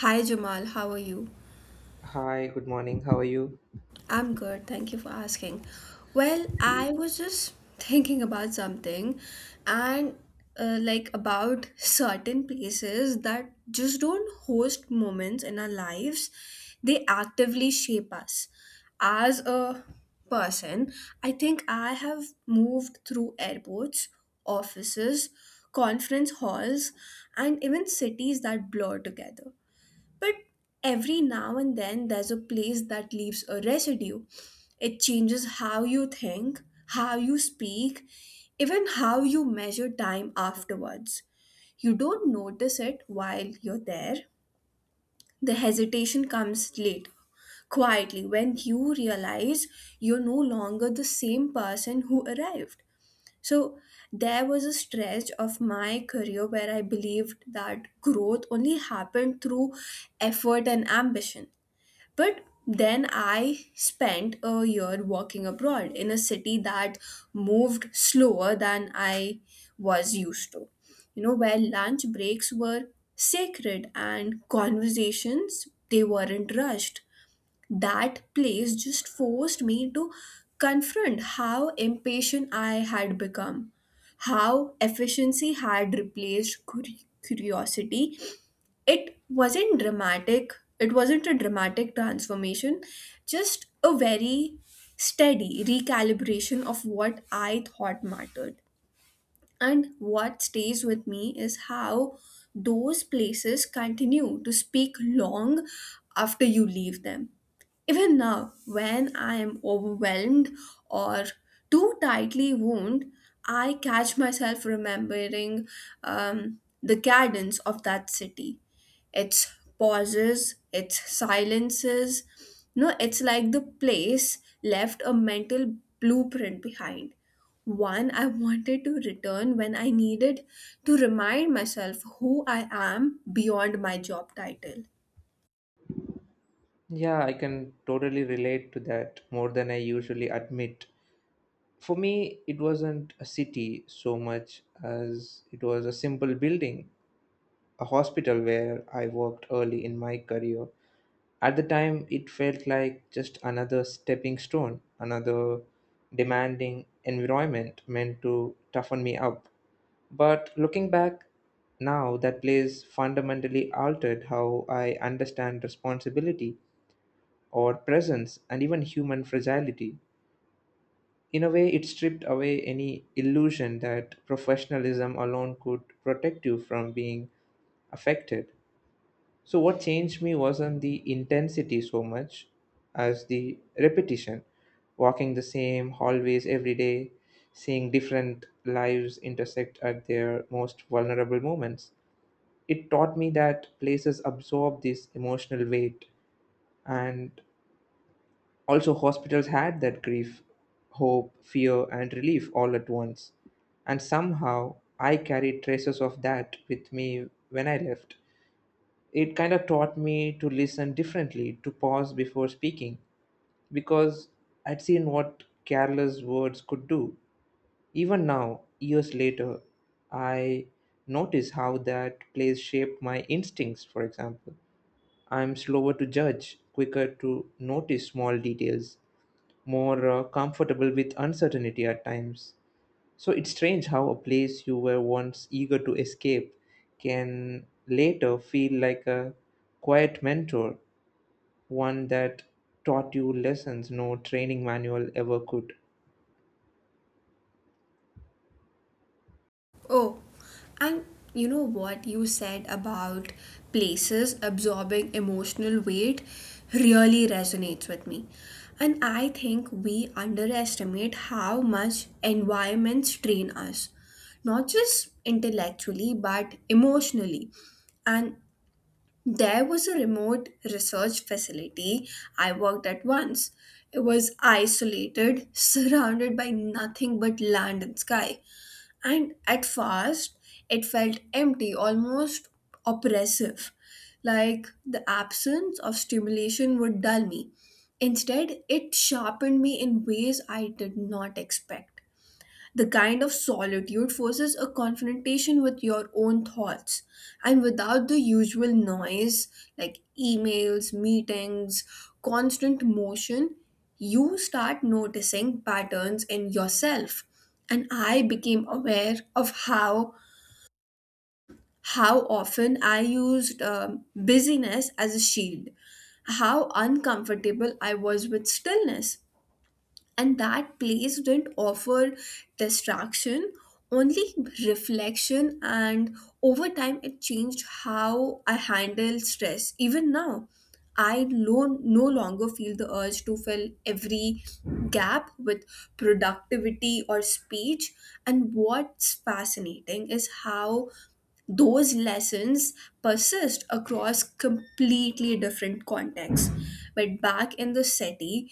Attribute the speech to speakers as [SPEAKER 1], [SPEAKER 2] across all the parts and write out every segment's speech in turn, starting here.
[SPEAKER 1] Hi Jamal, how are you?
[SPEAKER 2] Hi, good morning. How are you?
[SPEAKER 1] I'm good, thank you for asking. Well, I was just thinking about something and like about certain places that just don't host moments in our lives, they actively shape us. As a person, I think I have moved through airports, offices, conference halls, and even cities that blur together. But every now and then, there's a place that leaves a residue. It changes how you think, how you speak, even how you measure time afterwards. You don't notice it while you're there. The hesitation comes later, quietly, when you realize you're no longer the same person who arrived. So there was a stretch of my career where I believed that growth only happened through effort and ambition. But then I spent a year working abroad in a city that moved slower than I was used to. You know, where lunch breaks were sacred and conversations they weren't rushed. That place just forced me to confront how impatient I had become, how efficiency had replaced curiosity. It wasn't dramatic, it wasn't a dramatic transformation, just a very steady recalibration of what I thought mattered. And what stays with me is how those places continue to speak long after you leave them. Even now, when I am overwhelmed or too tightly wound, I catch myself remembering the cadence of that city. Its pauses, its silences. No, it's like the place left a mental blueprint behind. One I wanted to return when I needed to remind myself who I am beyond my job title.
[SPEAKER 2] Yeah, I can totally relate to that more than I usually admit. For me, it wasn't a city so much as it was a simple building, a hospital where I worked early in my career. At the time, it felt like just another stepping stone, another demanding environment meant to toughen me up. But looking back, now that place fundamentally altered how I understand responsibility or presence and even human fragility. In a way, it stripped away any illusion that professionalism alone could protect you from being affected. So, what changed me wasn't the intensity so much as the repetition, walking the same hallways every day, seeing different lives intersect at their most vulnerable moments. It taught me that places absorb this emotional weight. And also, hospitals had that grief, hope, fear, and relief all at once. And somehow, I carried traces of that with me when I left. It kind of taught me to listen differently, to pause before speaking, because I'd seen what careless words could do. Even now, years later, I notice how that place shaped my instincts. For example, I'm slower to judge, quicker to notice small details, more comfortable with uncertainty at times. So it's strange how a place you were once eager to escape can later feel like a quiet mentor, one that taught you lessons no training manual ever could.
[SPEAKER 1] Oh, and you know what you said about places absorbing emotional weight really resonates with me. And I think we underestimate how much environments train us, not just intellectually, but emotionally. And there was a remote research facility I worked at once. It was isolated, surrounded by nothing but land and sky, and at first, it felt empty, almost oppressive, like the absence of stimulation would dull me. Instead, it sharpened me in ways I did not expect. The kind of solitude forces a confrontation with your own thoughts, and without the usual noise like emails, meetings, constant motion, you start noticing patterns in yourself. And I became aware of how often I used busyness as a shield, how uncomfortable I was with stillness, and that place didn't offer distraction, only reflection. And over time it changed how I handle stress. Even now, I no longer feel the urge to fill every gap with productivity or speech. And what's fascinating is how those lessons persist across completely different contexts. But back in the city,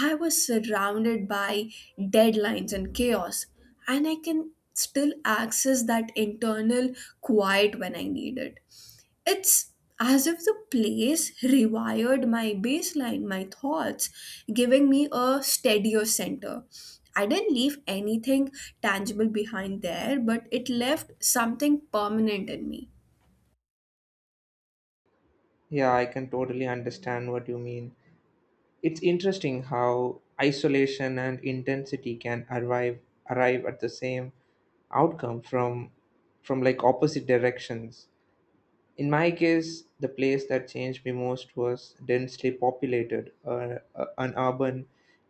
[SPEAKER 1] I was surrounded by deadlines and chaos, and I can still access that internal quiet when I need it. It's as if the place rewired my baseline, my thoughts, giving me a steadier center. I didn't leave anything tangible behind there, but it left something permanent in me.
[SPEAKER 2] Yeah, I can totally understand what you mean. It's interesting how isolation and intensity can arrive at the same outcome from like opposite directions. In my case, the place that changed me most was densely populated, an urban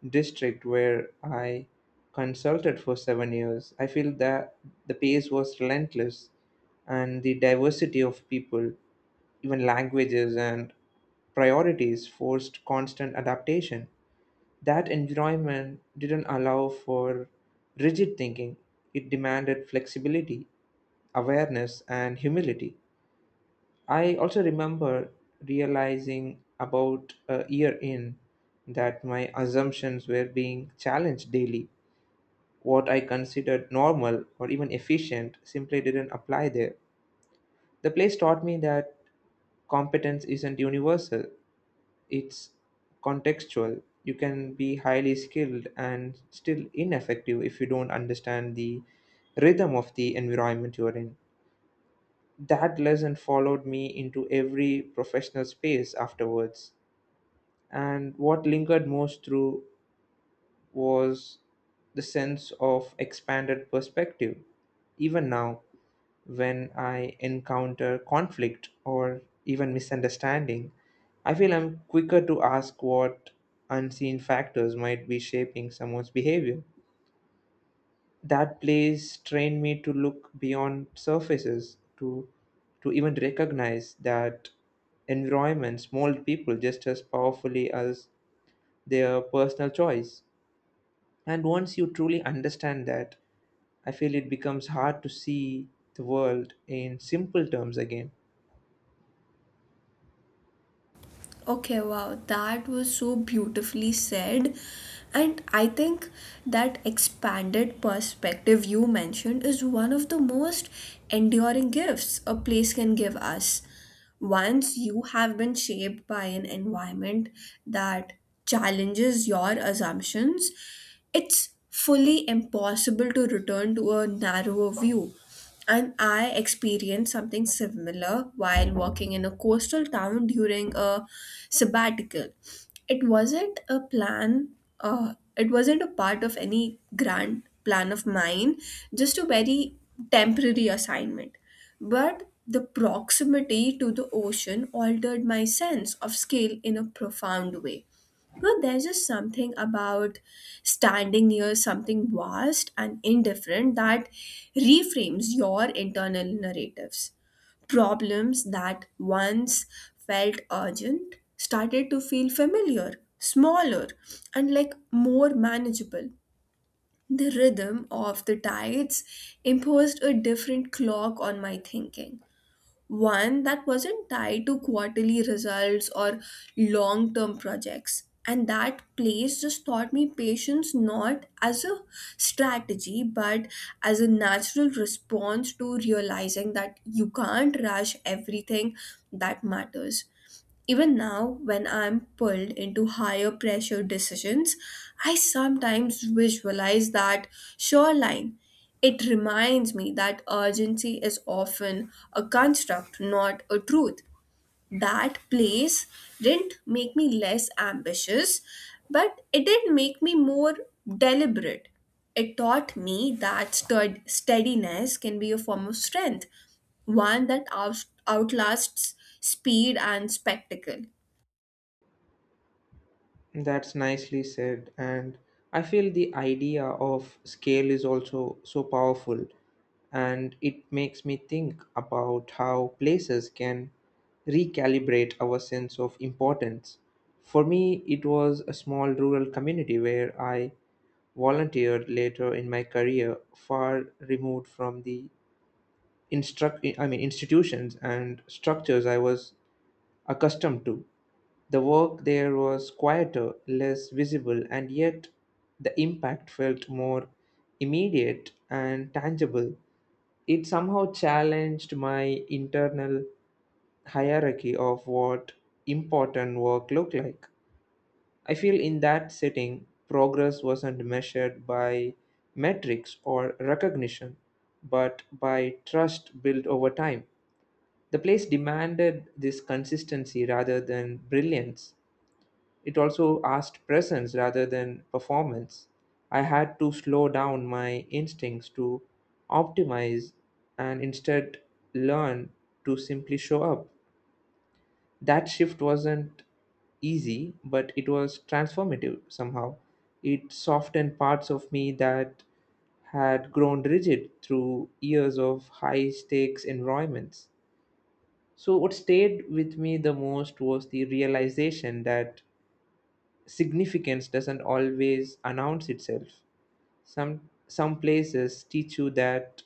[SPEAKER 2] district where I consulted for 7 years. I feel that the pace was relentless and the diversity of people, even languages and priorities, forced constant adaptation. That environment didn't allow for rigid thinking, it demanded flexibility, awareness, and humility. I also remember realizing about a year in that my assumptions were being challenged daily. What I considered normal or even efficient simply didn't apply there. The place taught me that competence isn't universal, it's contextual. You can be highly skilled and still ineffective if you don't understand the rhythm of the environment you're in. That lesson followed me into every professional space afterwards, and what lingered most through was the sense of expanded perspective. Even now, when I encounter conflict or even misunderstanding, I feel I'm quicker to ask what unseen factors might be shaping someone's behavior. That place trained me to look beyond surfaces, to even recognize that environments mold people just as powerfully as their personal choice. And once you truly understand that, I feel it becomes hard to see the world in simple terms again.
[SPEAKER 1] Okay, wow, that was so beautifully said. And I think that expanded perspective you mentioned is one of the most enduring gifts a place can give us. Once you have been shaped by an environment that challenges your assumptions, it's fully impossible to return to a narrower view. And I experienced something similar while working in a coastal town during a sabbatical. It wasn't a plan, it wasn't a part of any grand plan of mine, just a very temporary assignment. But the proximity to the ocean altered my sense of scale in a profound way. But there's just something about standing near something vast and indifferent that reframes your internal narratives. Problems that once felt urgent started to feel familiar, smaller, and like more manageable. The rhythm of the tides imposed a different clock on my thinking, one that wasn't tied to quarterly results or long term projects. And that place just taught me patience not as a strategy, but as a natural response to realizing that you can't rush everything that matters. Even now, when I'm pulled into higher pressure decisions, I sometimes visualize that shoreline. It reminds me that urgency is often a construct, not a truth. That place didn't make me less ambitious, but it did make me more deliberate. It taught me that steadiness can be a form of strength, one that outlasts speed and spectacle.
[SPEAKER 2] That's nicely said. And I feel the idea of scale is also so powerful. And it makes me think about how places can recalibrate our sense of importance. For me, it was a small rural community where I volunteered later in my career, far removed from the instruct I mean institutions and structures I was accustomed to. The work there was quieter, less visible, and yet the impact felt more immediate and tangible. It somehow challenged my internal hierarchy of what important work looked like. I feel in that setting, progress wasn't measured by metrics or recognition, but by trust built over time. The place demanded this consistency rather than brilliance, it also asked presence rather than performance. I had to slow down my instincts to optimize and instead learn to simply show up. That shift wasn't easy, but it was transformative somehow. It softened parts of me that had grown rigid through years of high stakes environments. So, what stayed with me the most was the realization that significance doesn't always announce itself. Some places teach you that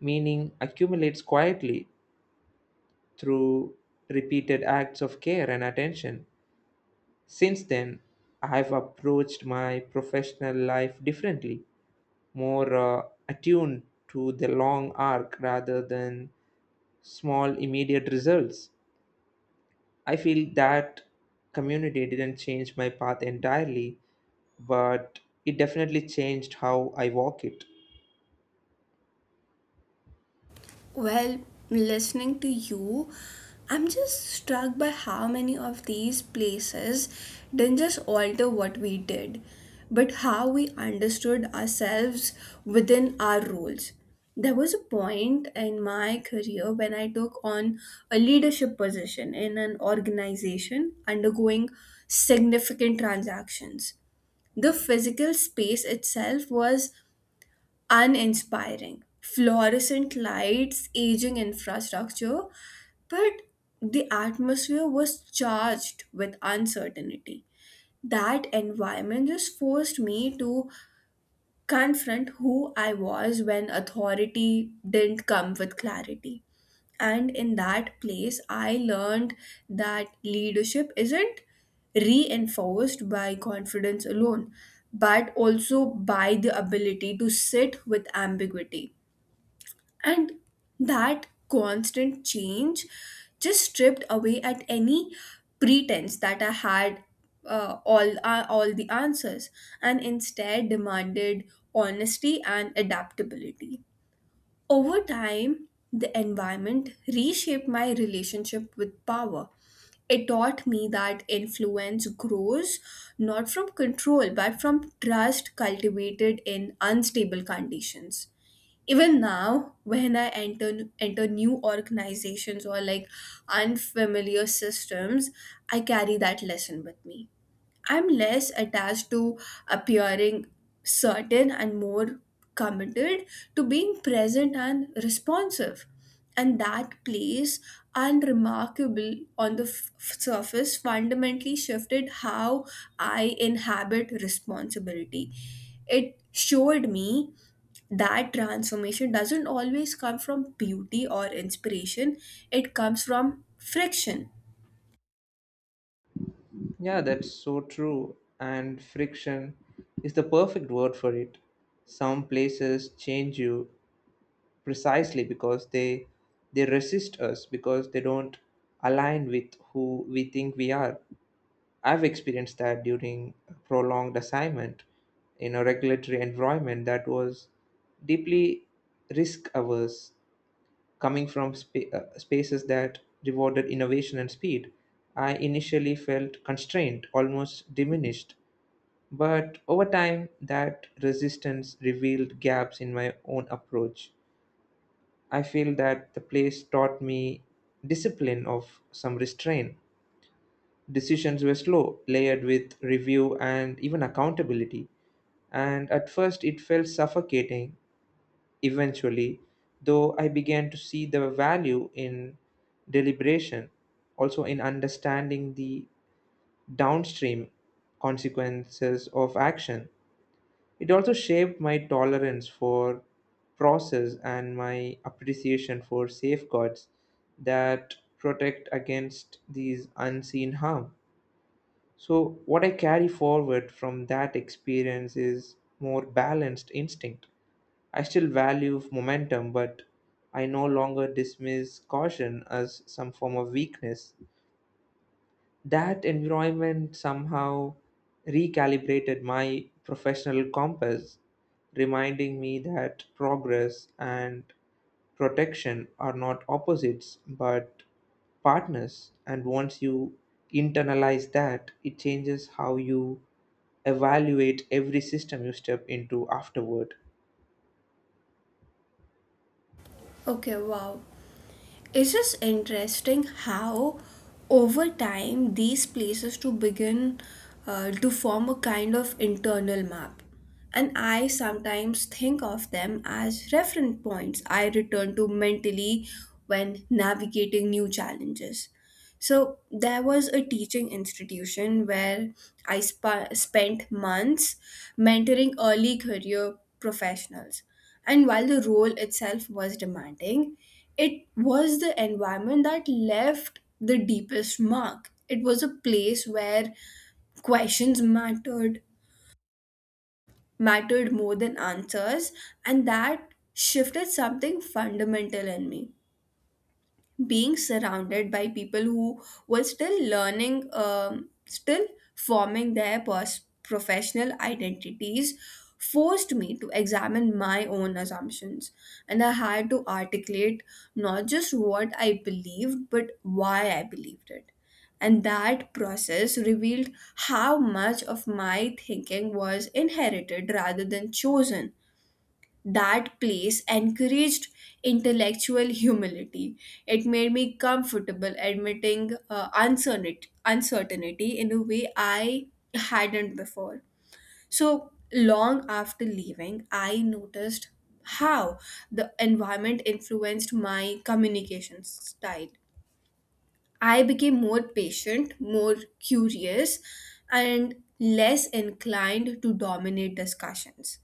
[SPEAKER 2] meaning accumulates quietly through repeated acts of care and attention. Since then, I have approached my professional life differently, more attuned to the long arc rather than small immediate results. I feel that community didn't change my path entirely, but it definitely changed how I walk it.
[SPEAKER 1] Well, listening to you, I'm just struck by how many of these places didn't just alter what we did, but how we understood ourselves within our roles. There was a point in my career when I took on a leadership position in an organization undergoing significant transactions. The physical space itself was uninspiring. Fluorescent lights, aging infrastructure, but the atmosphere was charged with uncertainty. That environment just forced me to confront who I was when authority didn't come with clarity. And in that place, I learned that leadership isn't reinforced by confidence alone, but also by the ability to sit with ambiguity. And that constant change just stripped away at any pretense that I had all the answers, and instead demanded honesty and adaptability. Over time, the environment reshaped my relationship with power. It taught me that influence grows not from control but from trust cultivated in unstable conditions. Even now, when I enter new organizations or like unfamiliar systems, I carry that lesson with me. I'm less attached to appearing certain and more committed to being present and responsive. And that place, unremarkable on the surface, fundamentally shifted how I inhabit responsibility. It showed me that transformation doesn't always come from beauty or inspiration, it comes from friction.
[SPEAKER 2] Yeah, that's so true. And friction is the perfect word for it. Some places change you precisely because they resist us, because they don't align with who we think we are. I've experienced that during prolonged assignment in a regulatory environment that was deeply risk averse, coming from spaces that rewarded innovation and speed. I initially felt constrained, almost diminished, but over time, that resistance revealed gaps in my own approach. I feel that the place taught me discipline of some restraint. Decisions were slow, layered with review and even accountability. And at first, it felt suffocating. Eventually, though, I began to see the value in deliberation, also in understanding the downstream consequences of action. It also shaped my tolerance for process and my appreciation for safeguards that protect against these unseen harm. So, what I carry forward from that experience is more balanced instinct. I still value momentum, but I no longer dismiss caution as some form of weakness. That environment somehow recalibrated my professional compass, reminding me that progress and protection are not opposites but partners. And once you internalize that, it changes how you evaluate every system you step into afterward.
[SPEAKER 1] Okay, wow. It's just interesting how over time these places to begin to form a kind of internal map. And I sometimes think of them as reference points I return to mentally when navigating new challenges. So there was a teaching institution where I spa spent months mentoring early career professionals. And while the role itself was demanding, it was the environment that left the deepest mark. It was a place where questions mattered more than answers, and that shifted something fundamental in me. Being surrounded by people who were still learning, still forming their professional identities, forced me to examine my own assumptions. And I had to articulate not just what I believed, but why I believed it. And that process revealed how much of my thinking was inherited rather than chosen. That place encouraged intellectual humility. It made me comfortable admitting uncertainty in a way I hadn't before. So, long after leaving, I noticed how the environment influenced my communication style. I became more patient, more curious, and less inclined to dominate discussions.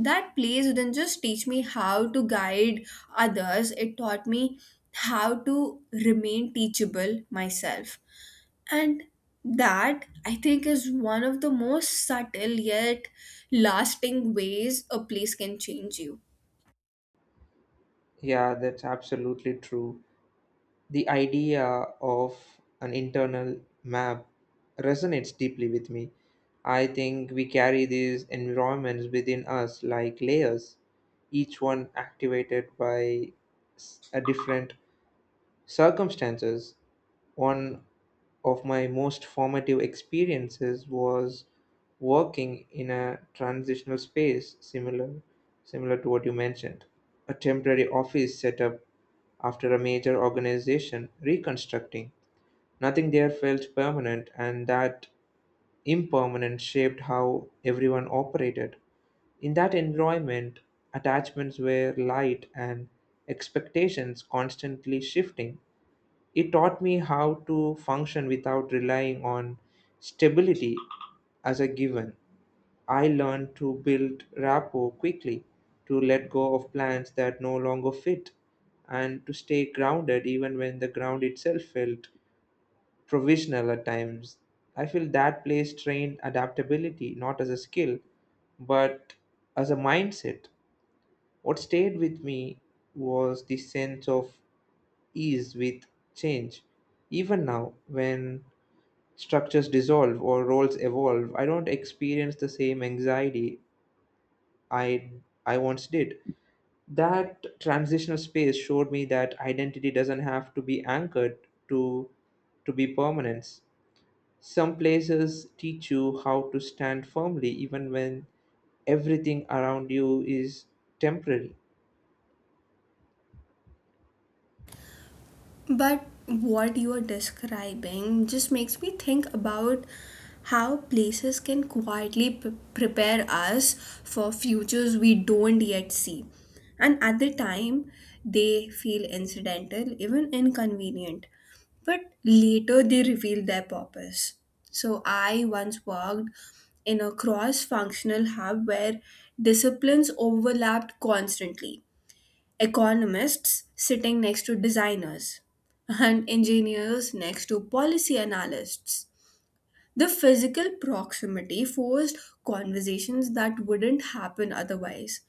[SPEAKER 1] That place didn't just teach me how to guide others, it taught me how to remain teachable myself. And that, I think, is one of the most subtle yet lasting ways a place can change you.
[SPEAKER 2] Yeah, that's absolutely true. The idea of an internal map resonates deeply with me. I think we carry these environments within us like layers, each one activated by a different circumstances. One of my most formative experiences was working in a transitional space similar to what you mentioned, a temporary office set up after a major organization reconstructing. Nothing there felt permanent, and that impermanence shaped how everyone operated. In that environment, attachments were light and expectations constantly shifting. It taught me how to function without relying on stability as a given. I learned to build rapport quickly, to let go of plans that no longer fit, and to stay grounded even when the ground itself felt provisional at times. I feel that place trained adaptability not as a skill but as a mindset. What stayed with me was the sense of ease with change. Even now, when structures dissolve or roles evolve, I don't experience the same anxiety I I once did. That transitional space showed me that identity doesn't have to be anchored to to be permanence. Some places teach you how to stand firmly even when everything around you is temporary.
[SPEAKER 1] But what you are describing just makes me think about how places can quietly prepare us for futures we don't yet see. And at the time, they feel incidental, even inconvenient. But later, they reveal their purpose. So, I once worked in a cross functional hub where disciplines overlapped constantly, economists sitting next to designers, and engineers next to policy analysts. The physical proximity forced conversations that wouldn't happen otherwise.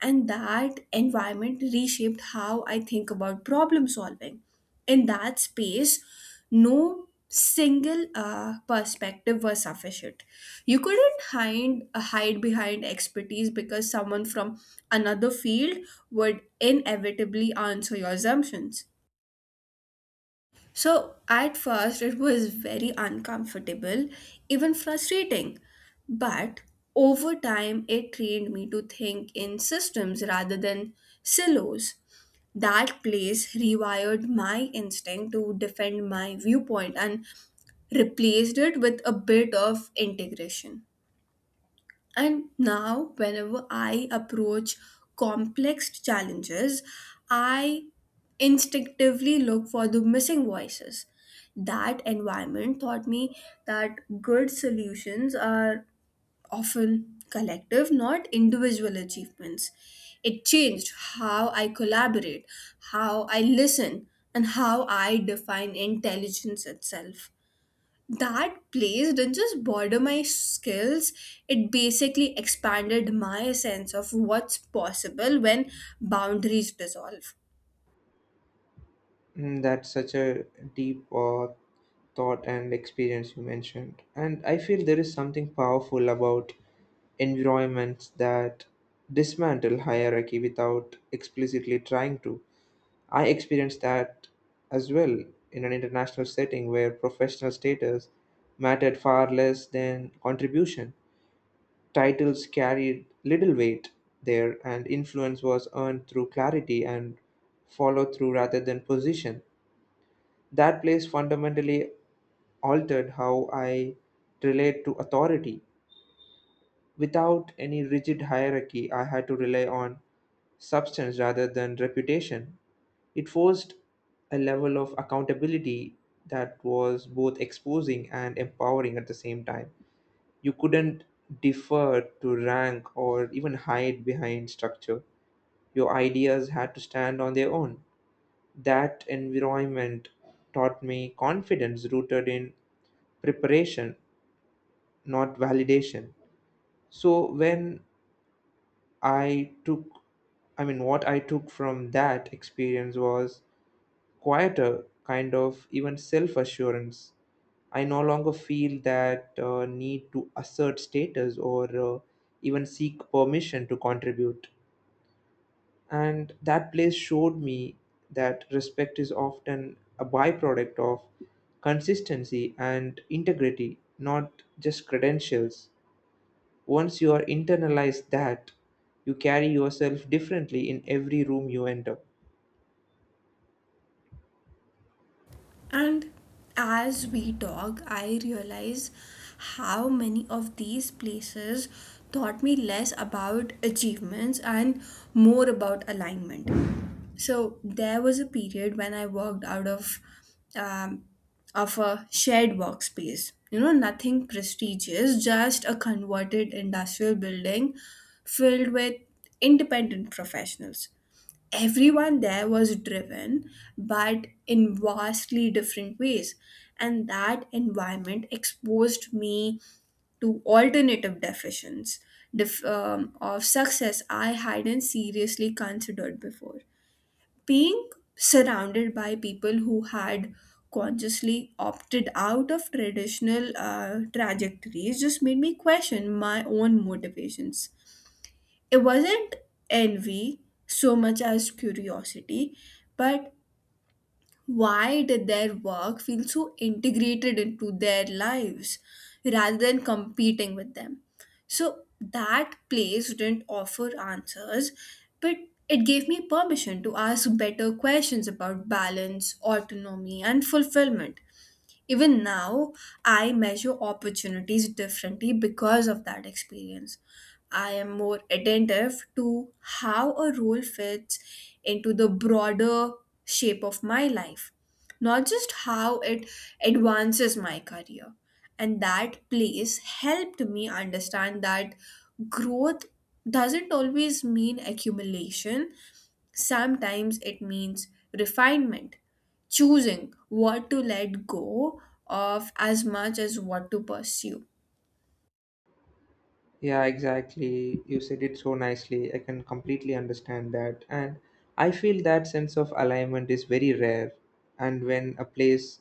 [SPEAKER 1] And that environment reshaped how I think about problem solving. In that space, no single perspective was sufficient. You couldn't hide behind expertise because someone from another field would inevitably answer your assumptions. So at first, it was very uncomfortable, even frustrating. But over time, it trained me to think in systems rather than silos. That place rewired my instinct to defend my viewpoint and replaced it with a bit of integration. And now, whenever I approach complex challenges, I instinctively look for the missing voices. That environment taught me that good solutions are often collective, not individual achievements. It changed how I collaborate, how I listen, and how I define intelligence itself. That place didn't just border my skills, it basically expanded my sense of what's possible when boundaries dissolve.
[SPEAKER 2] That's such a deep thought and experience you mentioned. And I feel there is something powerful about environments that dismantle hierarchy without explicitly trying to. I experienced that as well in an international setting where professional status mattered far less than contribution. Titles carried little weight there, and influence was earned through clarity and follow through rather than position. That place fundamentally altered how I relate to authority. Without any rigid hierarchy, I had to rely on substance rather than reputation. It forced a level of accountability that was both exposing and empowering at the same time. You couldn't defer to rank or even hide behind structure. Your ideas had to stand on their own. That environment taught me confidence rooted in preparation, not validation. So when i took I mean, what I took from that experience was quieter kind of even self assurance. I no longer feel that need to assert status or even seek permission to contribute. And that place showed me that respect is often a byproduct of consistency and integrity, not just credentials. Once you are internalized that, you carry yourself differently in every room you enter.
[SPEAKER 1] And as we talk, I realize how many of these places taught me less about achievements and more about alignment. So there was a period when I walked out of um, a shared workspace. You know, nothing prestigious, just a converted industrial building filled with independent professionals. Everyone there was driven, but in vastly different ways. And that environment exposed me to alternative definitions of success I hadn't seriously considered before. Being surrounded by people who had consciously opted out of traditional trajectories just made me question my own motivations. It wasn't envy so much as curiosity, but why did their work feel so integrated into their lives rather than competing with them? So that place didn't offer answers, but it gave me permission to ask better questions about balance, autonomy, and fulfillment. Even now, I measure opportunities differently because of that experience. I am more attentive to how a role fits into the broader shape of my life, not just how it advances my career. And that place helped me understand that growth doesn't always mean accumulation. Sometimes it means refinement, choosing what to let go of as much as what to pursue.
[SPEAKER 2] Yeah, exactly. You said it so nicely. I can completely understand that. And I feel that sense of alignment is very rare. And when a place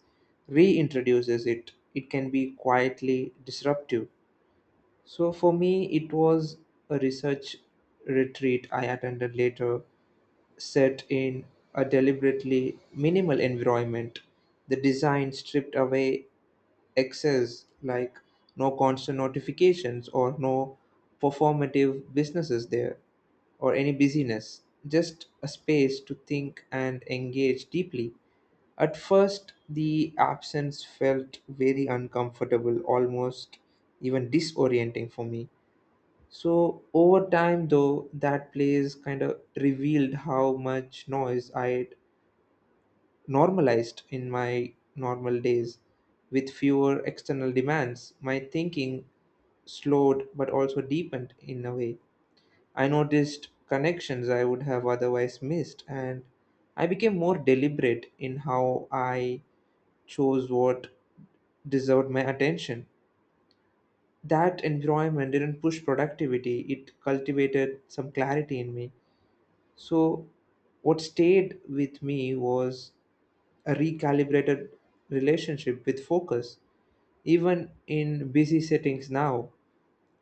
[SPEAKER 2] reintroduces it, it can be quietly disruptive. So for me, it was a research retreat I attended later, set in a deliberately minimal environment. The design stripped away excess, like no constant notifications or no performative businesses there or any busyness, just a space to think and engage deeply. At first, the absence felt very uncomfortable, almost even disorienting for me. So over time, though, that plays kind of revealed how much noise I had normalized in my normal days. With fewer external demands, my thinking slowed but also deepened in a way. I noticed connections I would have otherwise missed, and I became more deliberate in how I chose what deserved my attention. That environment didn't push productivity, it cultivated some clarity in me. So, what stayed with me was a recalibrated relationship with focus. Even in busy settings now,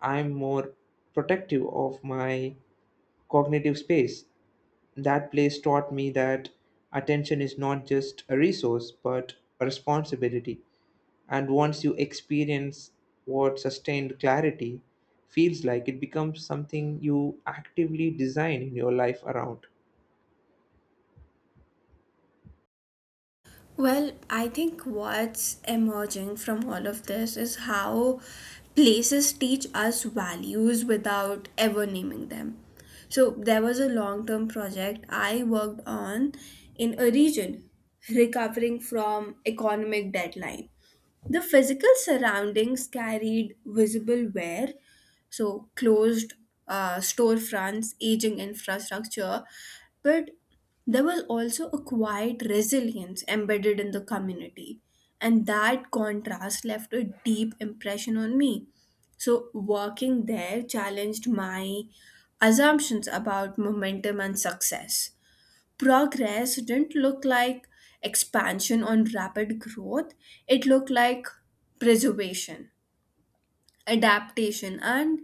[SPEAKER 2] I'm more protective of my cognitive space. That place taught me that attention is not just a resource but a responsibility. And once you experience what sustained clarity feels like, it becomes something you actively design in your life around.
[SPEAKER 1] Well, I think what's emerging from all of this is how places teach us values without ever naming them. So, there was a long term project I worked on in a region recovering from economic deadline. The physical surroundings carried visible wear, so closed storefronts, aging infrastructure, but there was also a quiet resilience embedded in the community, and that contrast left a deep impression on me. So, working there challenged my assumptions about momentum and success. Progress didn't look like expansion on rapid growth, it looked like preservation, adaptation, and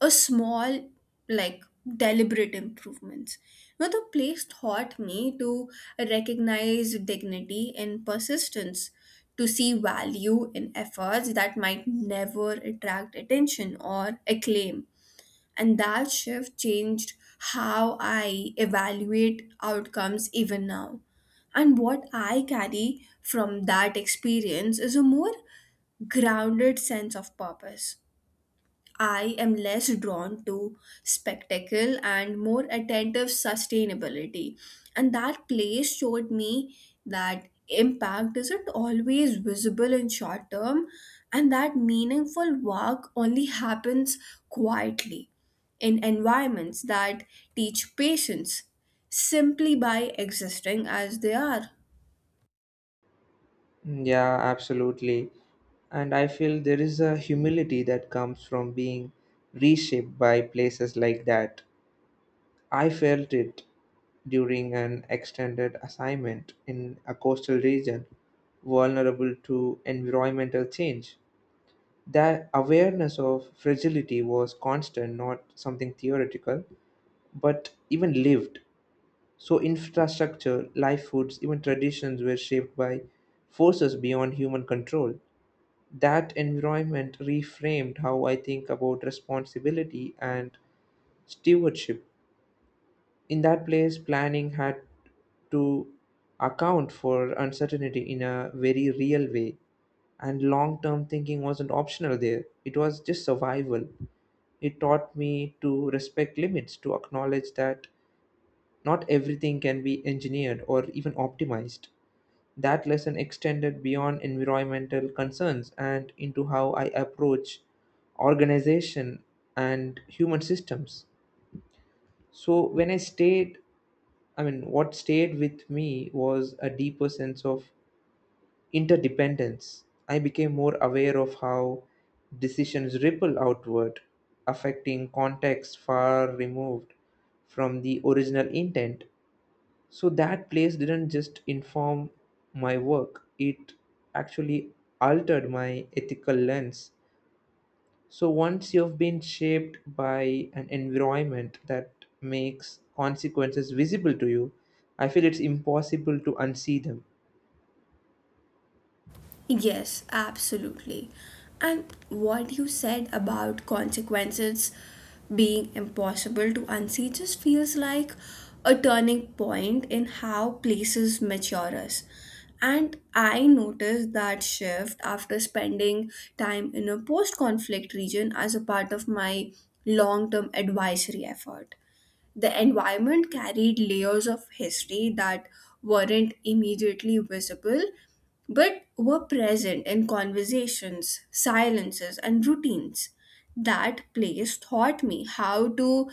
[SPEAKER 1] a small like deliberate improvements. Now the place taught me to recognize dignity in persistence, to see value in efforts that might never attract attention or acclaim. And that shift changed how I evaluate outcomes even now. And what I carry from that experience is a more grounded sense of purpose. I am less drawn to spectacle and more attentive sustainability. And that place showed me that impact isn't always visible in short term, and that meaningful work only happens quietly in environments that teach patience simply by existing as they are.
[SPEAKER 2] Yeah, absolutely. And I feel there is a humility that comes from being reshaped by places like that. I felt it during an extended assignment in a coastal region vulnerable to environmental change. That awareness of fragility was constant, not something theoretical, but even lived. So, infrastructure, life foods, even traditions were shaped by forces beyond human control. That environment reframed how I think about responsibility and stewardship. In that place, planning had to account for uncertainty in a very real way, and long term thinking wasn't optional there, it was just survival. It taught me to respect limits, to acknowledge that not everything can be engineered or even optimized. That lesson extended beyond environmental concerns and into how I approach organization and human systems. So I mean, what stayed with me was a deeper sense of interdependence. I became more aware of how decisions ripple outward, affecting contexts far removed from the original intent. So that place didn't just inform my work, it actually altered my ethical lens. So once you've been shaped by an environment that makes consequences visible to you, I feel it's impossible to unsee them.
[SPEAKER 1] Yes, absolutely. And what you said about consequences being impossible to unsee just feels like a turning point in how places mature us. And I noticed that shift after spending time in a post conflict region as a part of my long term advisory effort. The environment carried layers of history that weren't immediately visible but were present in conversations, silences, and routines. That place taught me how to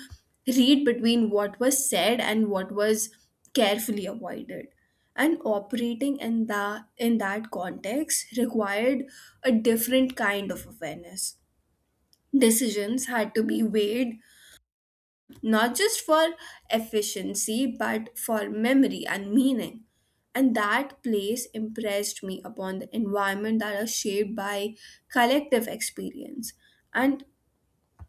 [SPEAKER 1] read between what was said and what was carefully avoided. And operating in the in that context required a different kind of awareness. Decisions had to be weighed not just for efficiency but for memory and meaning. And that place impressed me upon the environment that are shaped by collective experience, and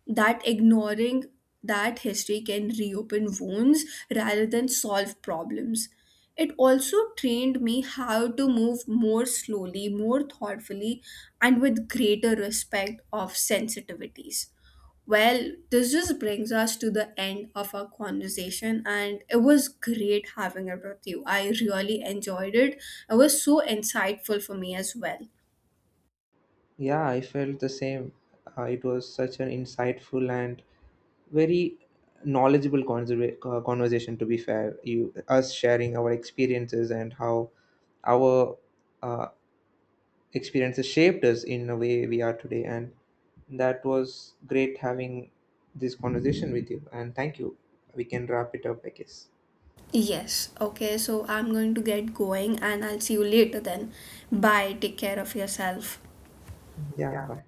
[SPEAKER 1] that ignoring that history can reopen wounds rather than solve problems. It also trained me how to move more slowly, more thoughtfully, and with greater respect of sensitivities. Well, this just brings us to the end of our conversation, and it was great having it with you. I really enjoyed it. It was so insightful for me as well.
[SPEAKER 2] Yeah, I felt the same. It was such an insightful and very knowledgeable conversation, to be fair. You, us sharing our experiences and how our uh, experiences shaped us in the way we are today. And that was great having this conversation with you. And thank you. We can wrap it up, I guess.
[SPEAKER 1] Yes, okay, so I'm going to get going, and I'll see you later then. Bye, take care of yourself.
[SPEAKER 2] Yeah,
[SPEAKER 1] Yeah.
[SPEAKER 2] bye.